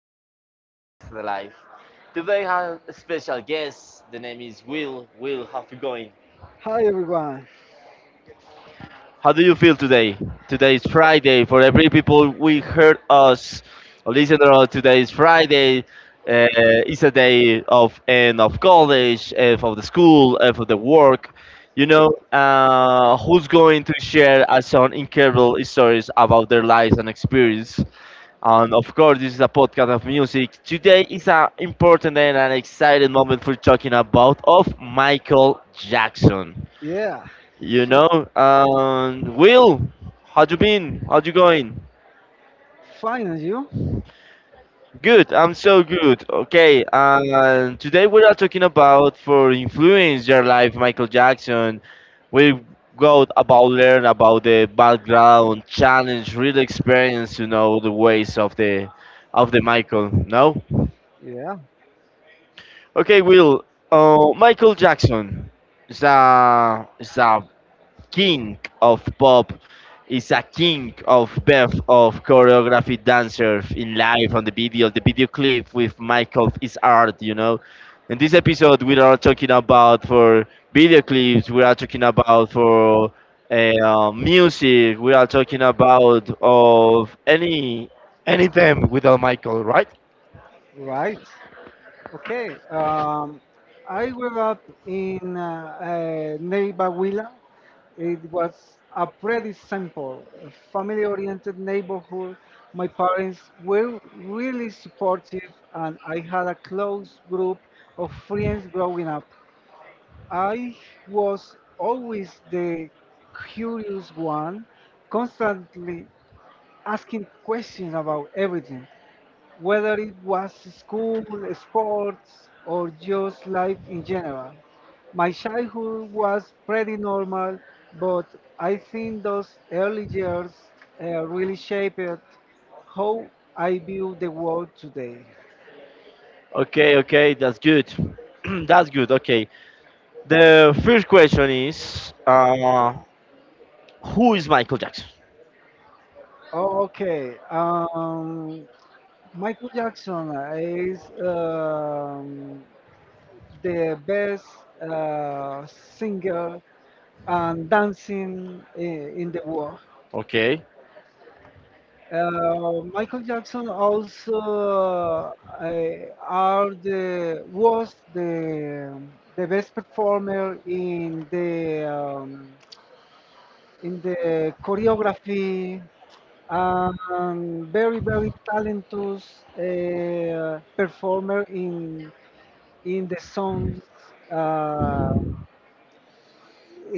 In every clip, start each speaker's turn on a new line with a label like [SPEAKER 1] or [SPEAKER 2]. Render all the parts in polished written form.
[SPEAKER 1] of the music is the life. Today I have a special guest. The name is Will. Will, how you going?
[SPEAKER 2] Hi everyone.
[SPEAKER 1] How do you feel today? Today is Friday. For every people we heard us, or listener, today is Friday. It's a day of end of college, of the school, of the work. You know, who's going to share us some incredible stories about their lives and experience? And of course, this is a podcast of music. Today is an important and an exciting moment for talking about of Michael Jackson.
[SPEAKER 2] Yeah. So
[SPEAKER 1] Will, how you been? How you going?
[SPEAKER 2] fine and you?
[SPEAKER 1] Good. I'm so good. Okay. And today we are talking about for influence your life, Michael Jackson. We go about learn about the background, challenge, real experience. You know the ways of the Michael. No.
[SPEAKER 2] Yeah.
[SPEAKER 1] Okay, Will. Michael Jackson is a king of pop. Is a king of birth of choreography dancer in life on the video. The video clip with Michael is art, you know. In this episode, we are talking about for video clips. We are talking about for music. We are talking about of anything without Michael, right?
[SPEAKER 2] Right. Okay. Um, I grew up in Neiva Huila. It was a pretty simple, family-oriented neighborhood. My parents were really supportive, and I had a close group of friends growing up. I was always the curious one, constantly asking questions about everything, whether it was school, sports, or just life in general. My childhood was pretty normal, but I think those early years really shaped how I view the world today.
[SPEAKER 1] Okay, okay, that's good. That's good. Okay. The first question is, who is Michael Jackson?
[SPEAKER 2] Okay, um, Michael Jackson is the best singer and Dancing in the War.
[SPEAKER 1] Okay,
[SPEAKER 2] Michael Jackson also eh, are the was the best performer in the choreography and very very talentless performer in the songs. Uh,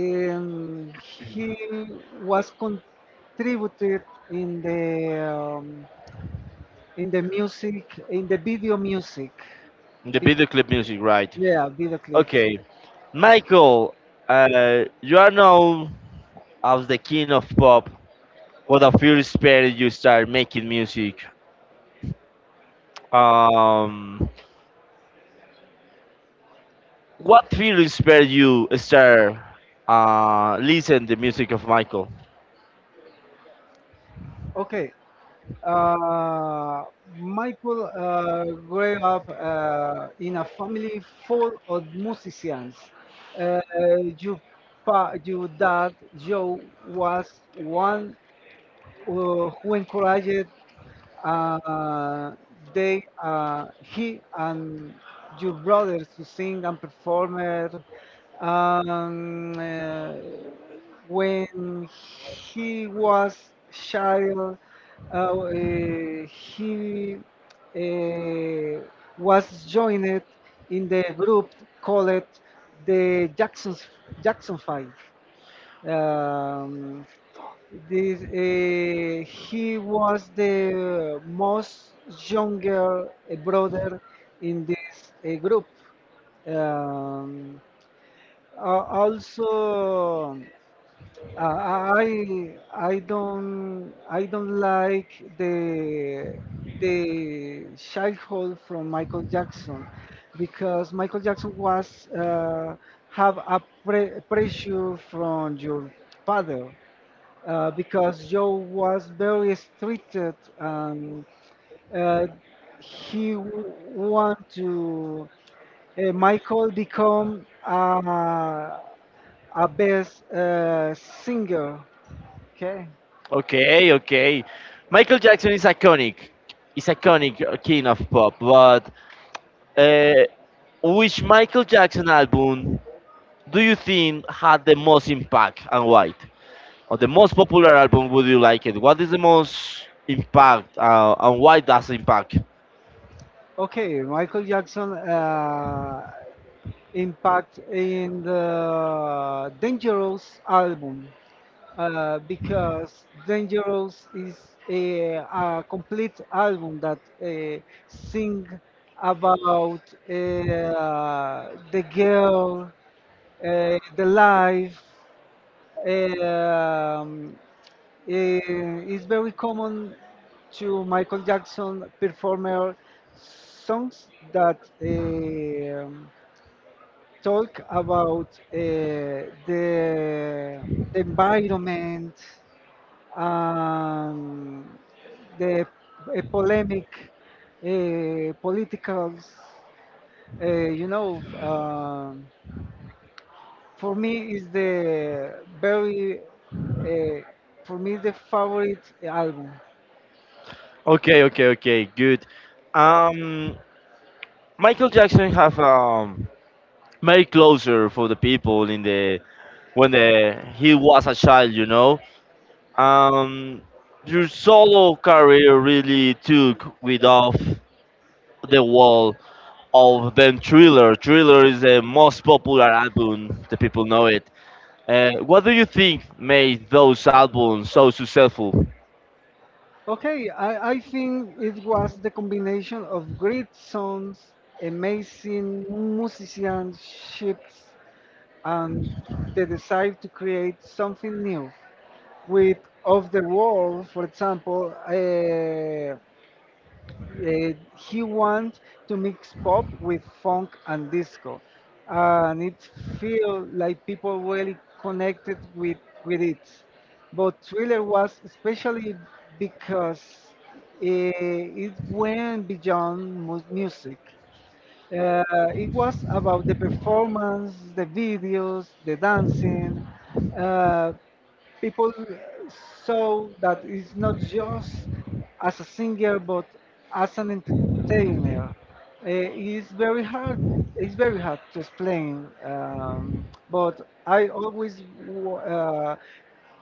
[SPEAKER 2] Um, he was contributed in the um, in the music in the video music.
[SPEAKER 1] the video clip music, right?
[SPEAKER 2] Yeah, video clip.
[SPEAKER 1] Okay, Michael, you are known as the king of pop. What a fear inspired you start making music. Um, what fear inspired you start listen the music of Michael?
[SPEAKER 2] Okay. Uh, Michael grew up in a family full of musicians. Uh, your, your dad, Joe, was one who encouraged uh, they he and your brothers to sing and perform it. Um, uh, when he was child, he uh, was joined in the group called the Jackson Five. Um, this he was the most younger brother in this group. Um, a- also, uh, I don't like the the childhood from Michael Jackson because Michael Jackson was have a pressure from your father because Joe was very restricted and uh, he want to Michael become a best singer. Okay,
[SPEAKER 1] Okay, okay. Michael Jackson is iconic. He's iconic king of pop, but Uh, which Michael Jackson album do you think had the most impact and why? Or the most popular album, would you like it? What is the most impact and why does impact?
[SPEAKER 2] okay. Michael Jackson impact in the Dangerous album because Dangerous is a complete album that sing about uh, the girl, the life. Um, it's very common to Michael Jackson performer songs that talk about the environment and the polemic politicals. You know, for me is the very for me the favorite album.
[SPEAKER 1] Okay, okay, okay, good. Um, Michael Jackson have made closer for the people in the when the he was a child, you know. Um, your solo career really took with off the wall of them Thriller. Thriller is the most popular album, the people know it. What do you think made those albums so successful?
[SPEAKER 2] Okay, I think it was the combination of great songs, amazing musicianship, and the desire to create something new with of the world for example he wants to mix pop with funk and disco and it feels like people really connected with it but thriller was especially because it went beyond music uh, it was about the performance, the videos, the dancing. Uh, people saw that it's not just as a singer, but as an entertainer. It's very hard. It's very hard to explain. But I always,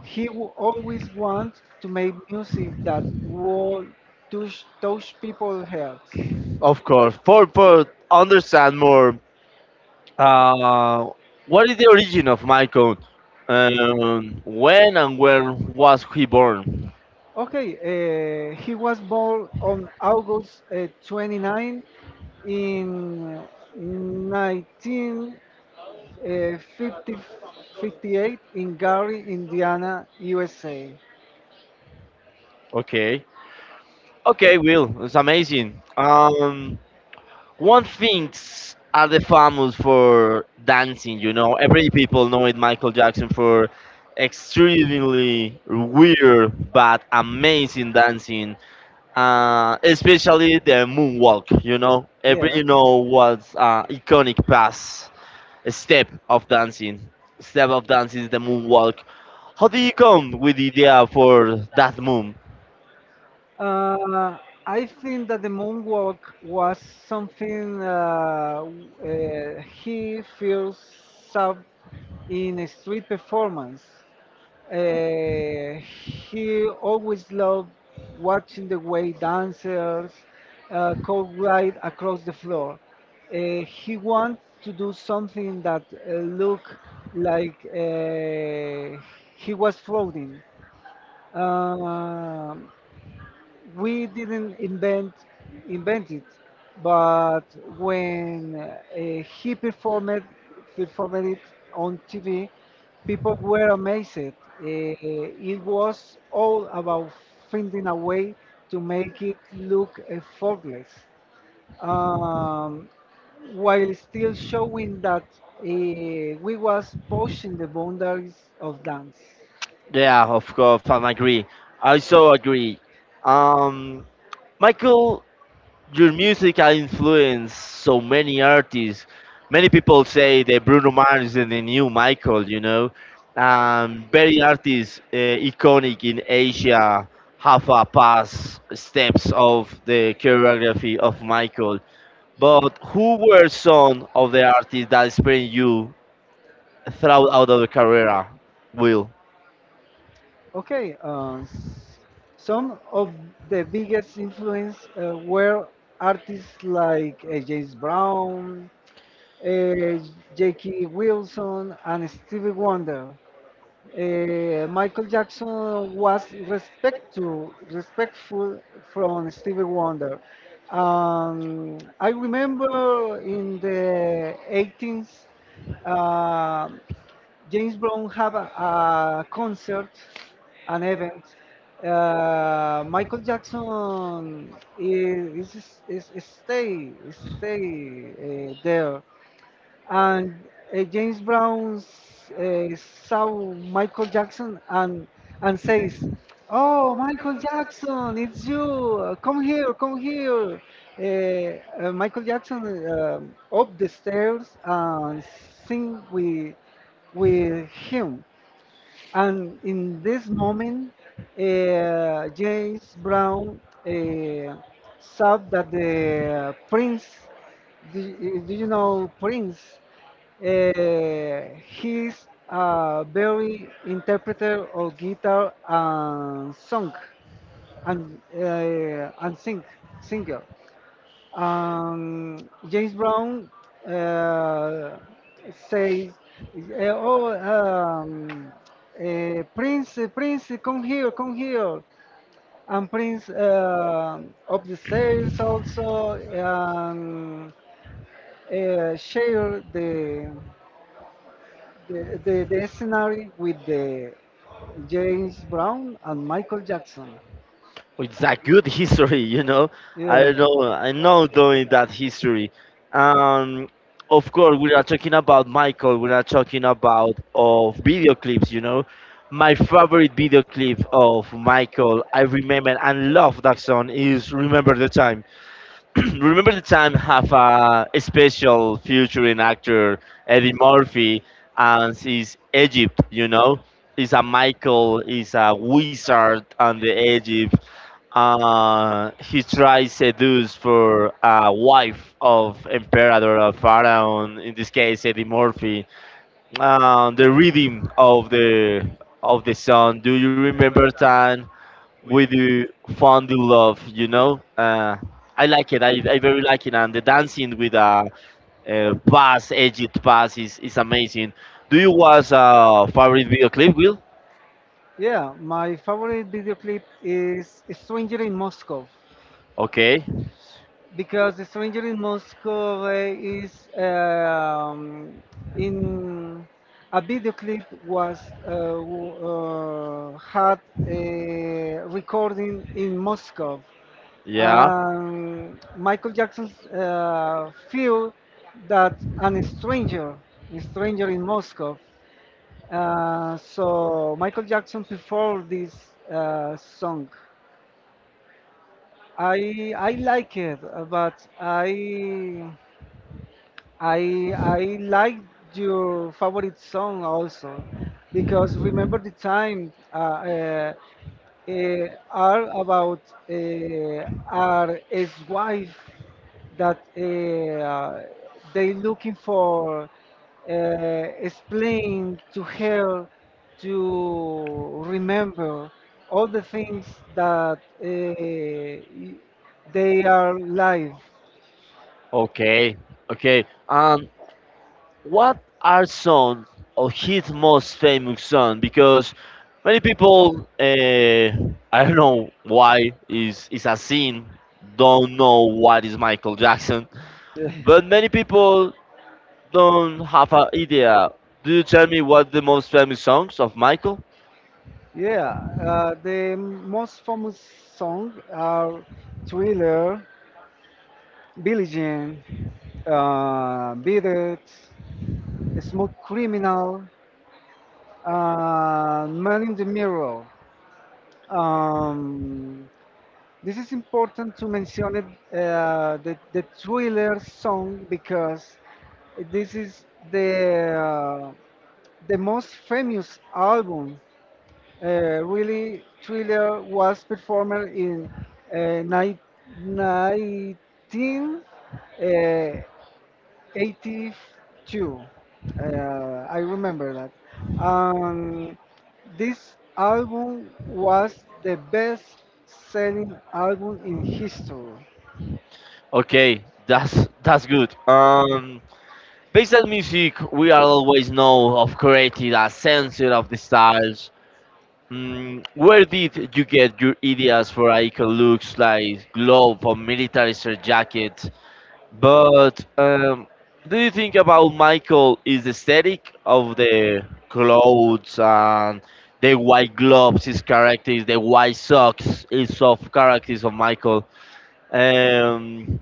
[SPEAKER 2] he always want to make music that will touch people's hearts.
[SPEAKER 1] Of course, for understand more, uh, what is the origin of Michael? When and where was he born?
[SPEAKER 2] Okay, he was born on August 29th in 1958 in Gary, Indiana, USA.
[SPEAKER 1] Okay, okay, Will, it's amazing. One things are the famous for dancing, you know. Every people know it Michael Jackson for extremely weird but amazing dancing. Especially the moonwalk, you know.
[SPEAKER 2] Yeah.
[SPEAKER 1] Every know what's iconic pass step of dancing. Step of dancing is the moonwalk. How do you come with the idea for that move?
[SPEAKER 2] Uh, I think that the moonwalk was something he feels up in a street performance. Uh, he always loved watching the way dancers could glide across the floor. He wanted to do something that looked like he was floating. Um we didn't invent it, but when he performed it on TV, people were amazed. It was all about finding a way to make it look effortless, um, while still showing that we was pushing the boundaries of dance.
[SPEAKER 1] Yeah, of course, I agree. I so agree. Um, Michael, your music has influenced so many artists. Many people say that Bruno Mars is the new Michael, you know. Very artists iconic in Asia have a past steps of the choreography of Michael. But who were some of the artists that inspired you throughout out of the career, Will?
[SPEAKER 2] Okay, some of the biggest influence were artists like James Brown, uh, J.K. Wilson, and Stevie Wonder. Michael Jackson was respectful from Stevie Wonder. I remember in the 18th James Brown have a concert, an event. Michael Jackson is stay stay there and James Brown saw Michael Jackson and says, "Oh, Michael Jackson, it's you! Come here, come here!" Michael Jackson up the stairs and sing with him. And in this moment, James Brown uh, saw that the Prince, do you know Prince? He's a very interpreter of guitar and song and and singer. Um, James Brown uh, says, "Oh, Prince, Prince, come here, come here." And Prince up the stairs also um, share the The scenario with the James Brown and Michael Jackson.
[SPEAKER 1] It's a good history, you know. I
[SPEAKER 2] Yeah.
[SPEAKER 1] know, I know doing that history. Um, of course, we are talking about Michael. We are talking about of video clips, you know. My favorite video clip of Michael, I remember and love that song is "Remember the Time." Remember the time have a special featuring actor Eddie Murphy and his Egypt, you know? Is a Michael, is a wizard on the Egypt. He tries seduce for a wife of emperor of pharaoh, in this case Eddie Murphy. The reading of the sun. Do you remember time we do fondly love, you know. I like it. I very like it, and the dancing with a, pass, edged pass is amazing. Do you watch favorite video clip, Will?
[SPEAKER 2] Yeah, my favorite video clip is Stranger in Moscow.
[SPEAKER 1] Okay,
[SPEAKER 2] Because the stranger in Moscow is in a video clip was had a recording in Moscow.
[SPEAKER 1] yeah,
[SPEAKER 2] Michael Jackson feel that an stranger, a stranger in Moscow. So Michael Jackson performed this song. I like it, but I like your favorite song also because remember the time are about our ex-wife that they looking for explain to her to remember all the things that they are live.
[SPEAKER 1] okay, okay. And what are some of his most famous songs? Because many people, I don't know why, is a sin. Don't know what is Michael Jackson,
[SPEAKER 2] Yeah.
[SPEAKER 1] but many people don't have an idea. Do you tell me what the most famous songs of Michael?
[SPEAKER 2] Yeah, the most famous song are Thriller, Billie Jean, Beat It, Smooth Criminal, Man in the Mirror. Um, this is important to mention it, the Thriller song because this is the, uh, the most famous album. Really, Thriller was performed in uh, ni- 1982. Uh, I remember that. Um, this album was the best selling album in history.
[SPEAKER 1] Okay, that's good. Based on music, we are always know of created a sense of the styles. Mm, where did you get your ideas for icon looks like glove or military shirt jacket? But do you think about Michael is the aesthetic of the clothes and the white gloves, his characters, the white socks, is of characters of Michael? Um,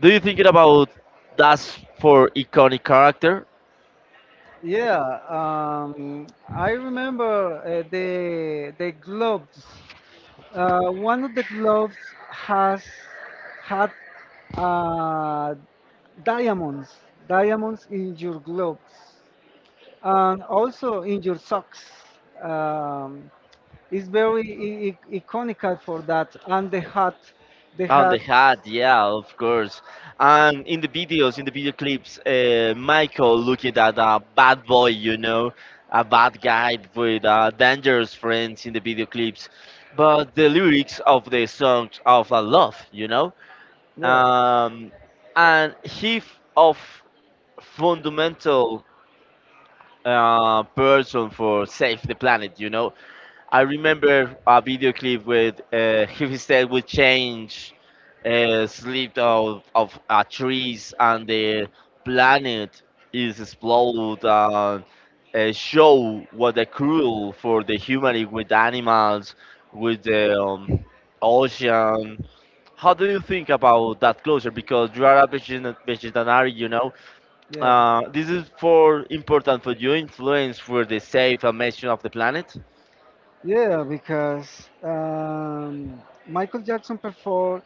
[SPEAKER 1] do you think it about that's for iconic character.
[SPEAKER 2] Yeah, um, I remember the Globes. One of the gloves has had uh, diamonds, diamonds in your gloves, and also in your socks. Um, it's very iconical for that, and the hat, the
[SPEAKER 1] On the
[SPEAKER 2] hat.
[SPEAKER 1] hat, yeah, of course. And in the videos, in the video clips, Michael looking at a bad boy, you know, a bad guy with dangerous friends in the video clips. But the lyrics of the songs of a love,
[SPEAKER 2] Yeah,
[SPEAKER 1] um, and he of fundamental person for save the planet, you know. I remember a video clip with his head would change, slip out of trees, and the planet is explode and show what the cruel for the humanity with animals, with the ocean. How do you think about that closure? Because you are a vegetarian, you know.
[SPEAKER 2] yeah.
[SPEAKER 1] This is for important for you influence for the safe and mission of the planet,
[SPEAKER 2] Yeah, because Michael Jackson performed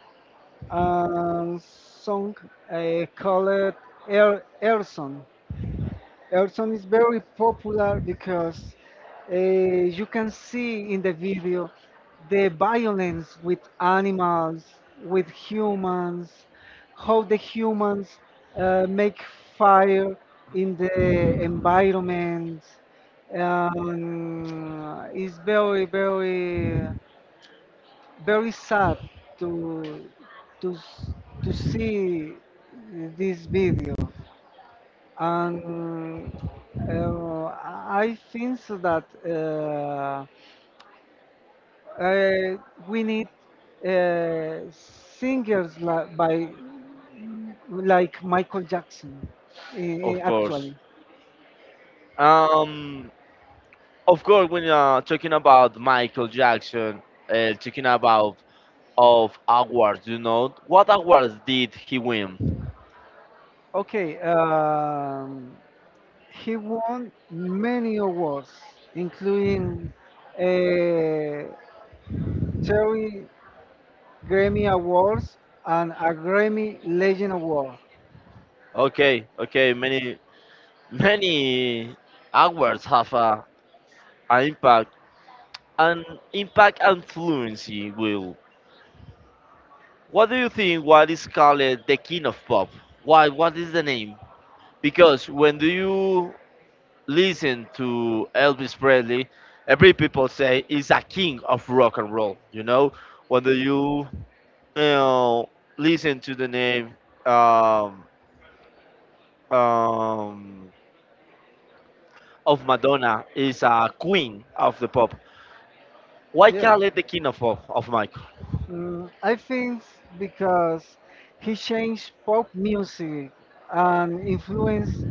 [SPEAKER 2] song called Erson. Erson is very popular because you can see in the video the violence with animals, with humans, how the humans make fire in the environment. It's very, very sad to to s- to see this video and I think so that uh, we need singers li- by like Michael Jackson
[SPEAKER 1] of
[SPEAKER 2] actually.
[SPEAKER 1] course. Um, of course, when talking about Michael Jackson, talking about of awards, you know, what awards did he win?
[SPEAKER 2] Okay, he won many awards including uh, Terry Grammy Awards and a Grammy Legend Award.
[SPEAKER 1] Okay, okay, many many awards have a, an impact, an impact and fluency. Will, what do you think? What is called the king of pop? Why? What is the name? Because when do you listen to Elvis Presley, every people say is a king of rock and roll. You know, whether you you know listen to the name um, um, of Madonna is a queen of the pop. Why
[SPEAKER 2] Yeah.
[SPEAKER 1] can't it the king of pop of Michael?
[SPEAKER 2] Mm, I think because he changed pop music and influenced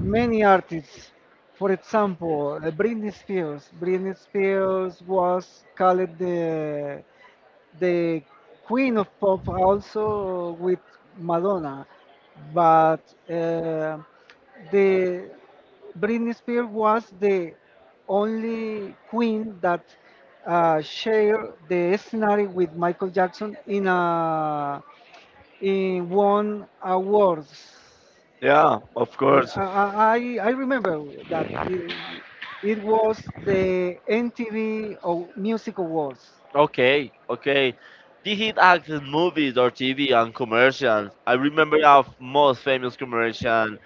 [SPEAKER 2] many artists. For example, Britney Spears. Britney Spears was called the queen of pop also with Madonna, but uh, the Britney Spears was the only queen that shared the scenario with Michael Jackson in a in one awards.
[SPEAKER 1] Yeah, of course.
[SPEAKER 2] I remember that it, it was the MTV Music Awards.
[SPEAKER 1] Okay, okay. Did he act in movies or TV and commercials. I remember a most famous commercial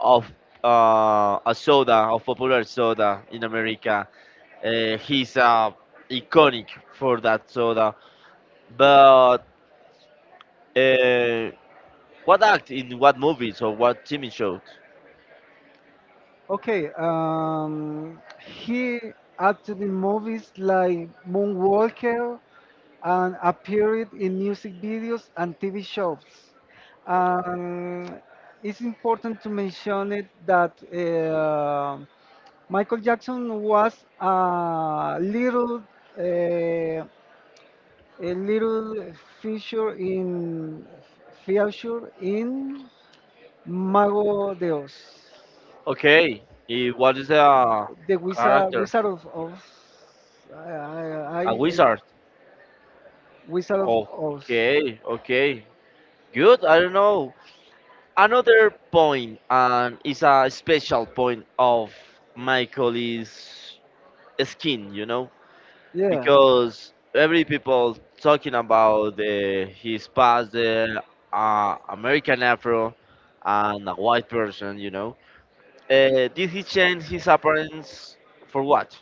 [SPEAKER 1] of a soda, of popular soda in America. He's iconic for that soda. But uh, what act in what movies or what TV shows?
[SPEAKER 2] Okay, he acted in movies like Moonwalker and appeared in music videos and TV shows. Um, it's important to mention it that Michael Jackson was uh, a little feature in feature in Mago de Oz.
[SPEAKER 1] Okay, what is the
[SPEAKER 2] The
[SPEAKER 1] character?
[SPEAKER 2] Wizard of I, I, I,
[SPEAKER 1] A
[SPEAKER 2] I-
[SPEAKER 1] wizard.
[SPEAKER 2] Wizard of Oz.
[SPEAKER 1] Okay, okay. Good, I don't know. Another point and it's a special point of Michael is skin, you know,
[SPEAKER 2] Yeah.
[SPEAKER 1] because every people talking about the, his past the American afro and a white person, you know. Did he change his appearance for what?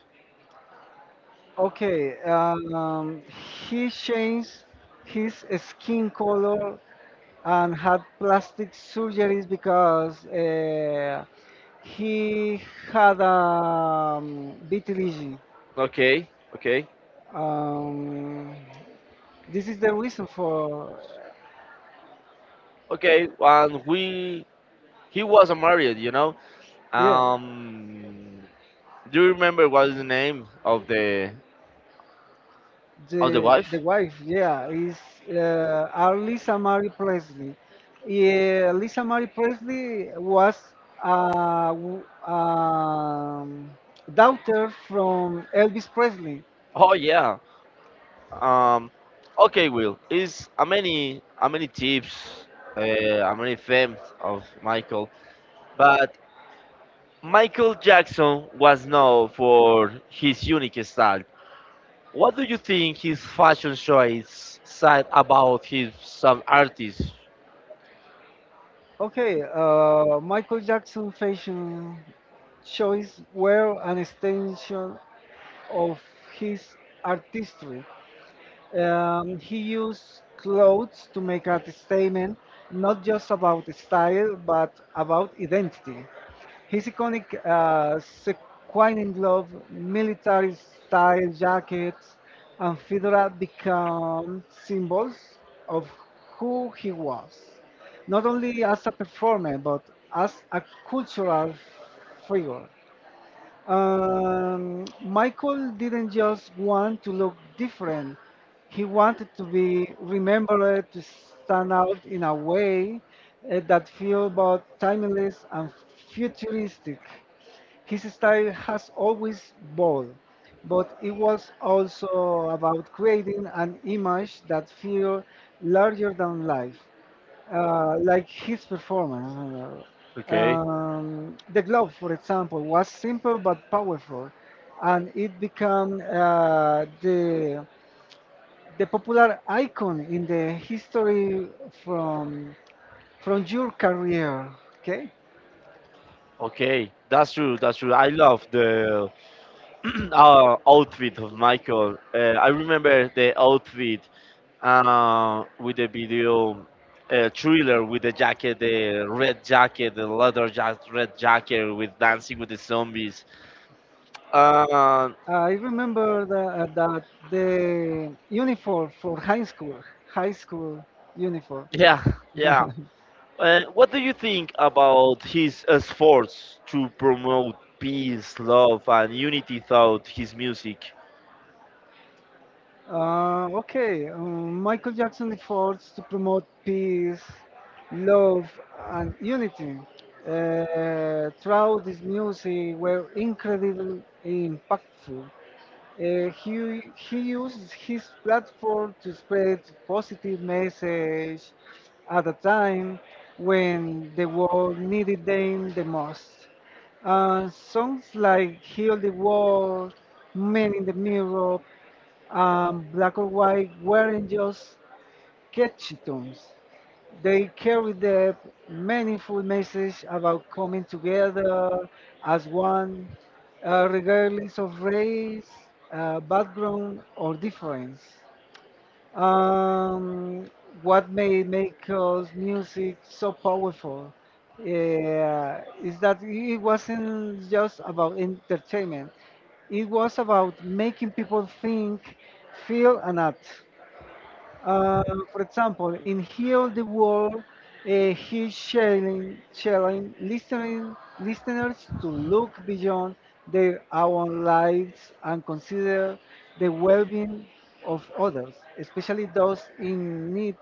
[SPEAKER 2] Okay. He changed his skin color and had plastic surgeries because he had vitiligo.
[SPEAKER 1] Okay, okay,
[SPEAKER 2] Um, this is the reason for,
[SPEAKER 1] okay, and we he was married, you know.
[SPEAKER 2] yeah.
[SPEAKER 1] um do you remember what is the name of the wife?
[SPEAKER 2] The wife, yeah, is are Lisa Marie Presley. Yeah, Lisa Marie Presley was a daughter from Elvis Presley.
[SPEAKER 1] Oh yeah. Um, okay, Will. Is a many tips, a many fans of Michael, but Michael Jackson was known for his unique style. What do you think his fashion choice said about his some artists?
[SPEAKER 2] Okay, Michael Jackson fashion choice were an extension of his artistry. He used clothes to make a statement not just about style but about identity. His iconic sequin glove, military style jackets, and fedora become symbols of who he was, not only as a performer but as a cultural figure. Michael didn't just want to look different. He wanted to be remembered, to stand out in a way that feels both timeless and futuristic. His style has always bold, but it was also about creating an image that feels larger than life like his performance.
[SPEAKER 1] Okay,
[SPEAKER 2] The glove, for example, was simple but powerful, and it became the popular icon in the history from from your career. Okay,
[SPEAKER 1] okay, that's true. That's true. I love the our outfit of Michael. I remember the outfit with the video thriller with the jacket, the red jacket, the leather jacket, red jacket with dancing with the zombies. Uh,
[SPEAKER 2] I remember that the uniform for high school uniform.
[SPEAKER 1] yeah, yeah. What do you think about his efforts to promote peace, love, and unity throughout his music?
[SPEAKER 2] Okay, Michael Jackson efforts to promote peace, love, and unity throughout his music were incredibly impactful. He used his platform to spread positive message at a time when the world needed them the most. Songs like Heal the World, Men in the Mirror, black or white weren't just catchy tunes. They carried the meaningful message about coming together as one, regardless of race, background, or difference. Um, what made Mako's music so powerful is that it wasn't just about entertainment. It was about making people think, feel, and act. Uh, for example, in Heal the World, he's challenging listeners to look beyond their own lives and consider the well being of others, especially those in need.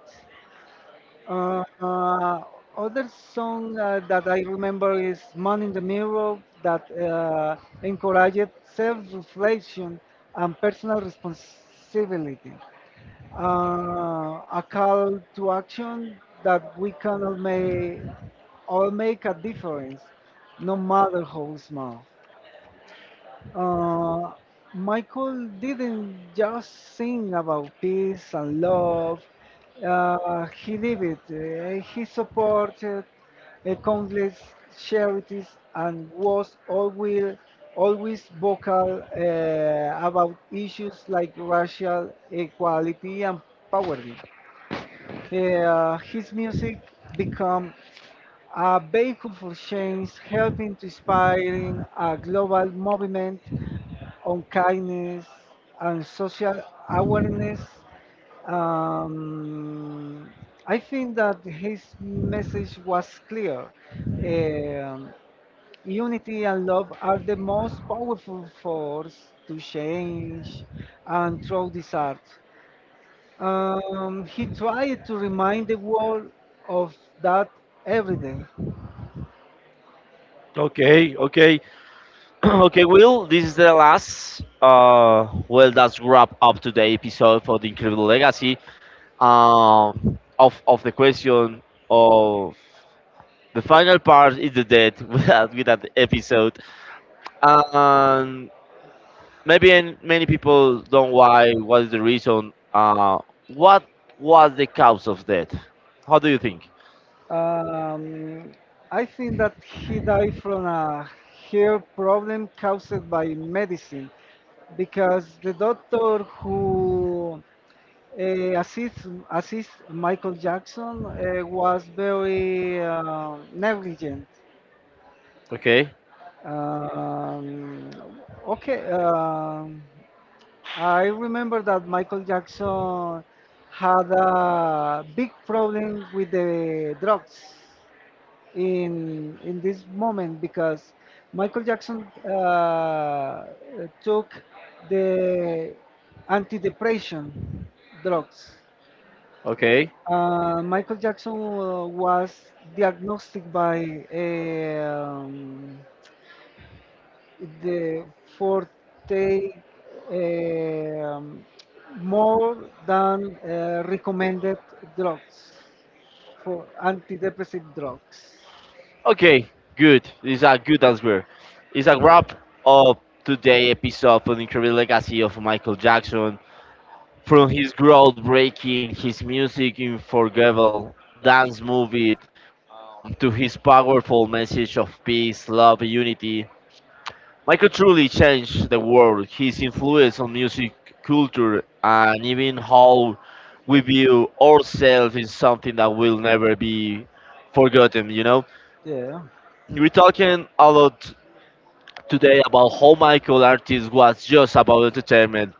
[SPEAKER 2] Uh, uh, other song that I remember is Man in the Mirror that encouraged self reflection and personal responsibility a call to action that we can all make a difference, no matter how small. Uh, Michael didn't just sing about peace and love, he lived it. He supported countless charities and was always vocal about issues like racial equality and poverty. Yeah, his music became a vehicle for change, helping to inspire a global movement on kindness and social awareness. Um, I think that his message was clear. Um, unity and love are the most powerful force to change and through this art. He tried to remind the world of that every day.
[SPEAKER 1] Okay, okay. Okay, Will, this is the last. Well, that's wrap up today' episode for the Incredible Legacy. Of the question of the final part is the death with that episode. And maybe many people don't why. What is the reason? What was the cause of death? How do you think?
[SPEAKER 2] Um, I think that he died from a hair problem caused by medicine because the doctor who uh, assists Michael Jackson was very negligent.
[SPEAKER 1] Okay,
[SPEAKER 2] Um, okay. Um, I remember that Michael Jackson had a big problem with the drugs in this moment because Michael Jackson uh, took the antidepressant drugs.
[SPEAKER 1] okay.
[SPEAKER 2] Michael Jackson was diagnosed by a the for take um, more than recommended drugs for antidepressant drugs.
[SPEAKER 1] Okay, good. It's a good answer. It's a wrap of today episode of the incredible legacy of Michael Jackson. From his groundbreaking, his music in forgettable dance movie, to his powerful message of peace, love, and unity. Michael truly changed the world. His influence on music, culture, and even how we view ourselves is something that will never be forgotten. You know,
[SPEAKER 2] Yeah.
[SPEAKER 1] we're talking a lot today about how Michael Artist was just about entertainment.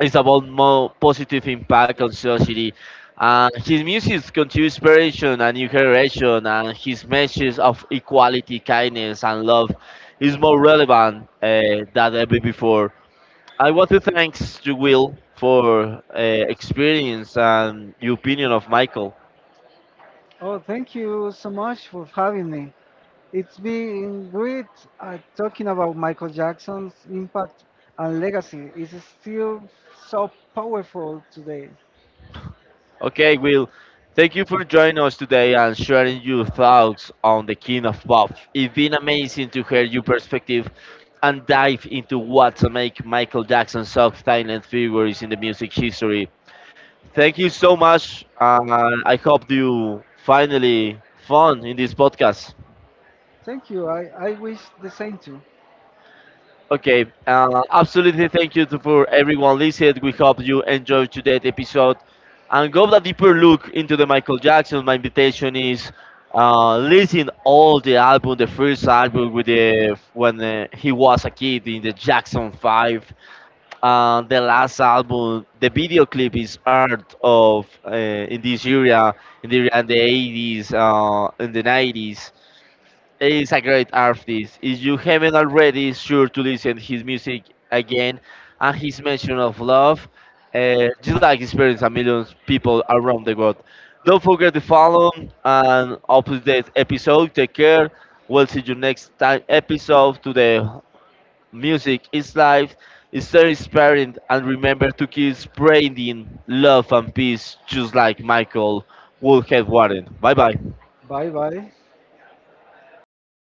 [SPEAKER 1] It's about more positive impact on society. And his music continues inspiration and new generation, and his message of equality, kindness, and love is more relevant than ever before. I want to thanks to Will for uh, experience and your opinion of Michael.
[SPEAKER 2] Oh, thank you so much for having me. It's been great talking about Michael Jackson's impact and legacy. It's still so powerful today.
[SPEAKER 1] Okay, Will, thank you for joining us today and sharing your thoughts on the King of Pop. It's been amazing to hear your perspective and dive into what to make Michael Jackson such silent figures in the music history. Thank you so much, and I hope you finally fun in this podcast.
[SPEAKER 2] Thank you. I wish the same to. You.
[SPEAKER 1] Okay, absolutely. Thank you to, for everyone listening. We hope you enjoyed today's episode and go a deeper look into the Michael Jackson. My invitation is listen all the album, the first album with the when he was a kid in the Jackson Five. The last album, the video clip is art of in this area in the 80s, in the 90s. He's a great artist. If you haven't already, sure to listen his music again and his mention of love. Just like experience a million people around the world. Don't forget to follow and upload this episode. Take care. We'll see you next time episode to the music is life. It's stay inspiring and remember to keep spreading love and peace just like Michael Woolhead Warren. Bye bye.
[SPEAKER 2] Bye bye.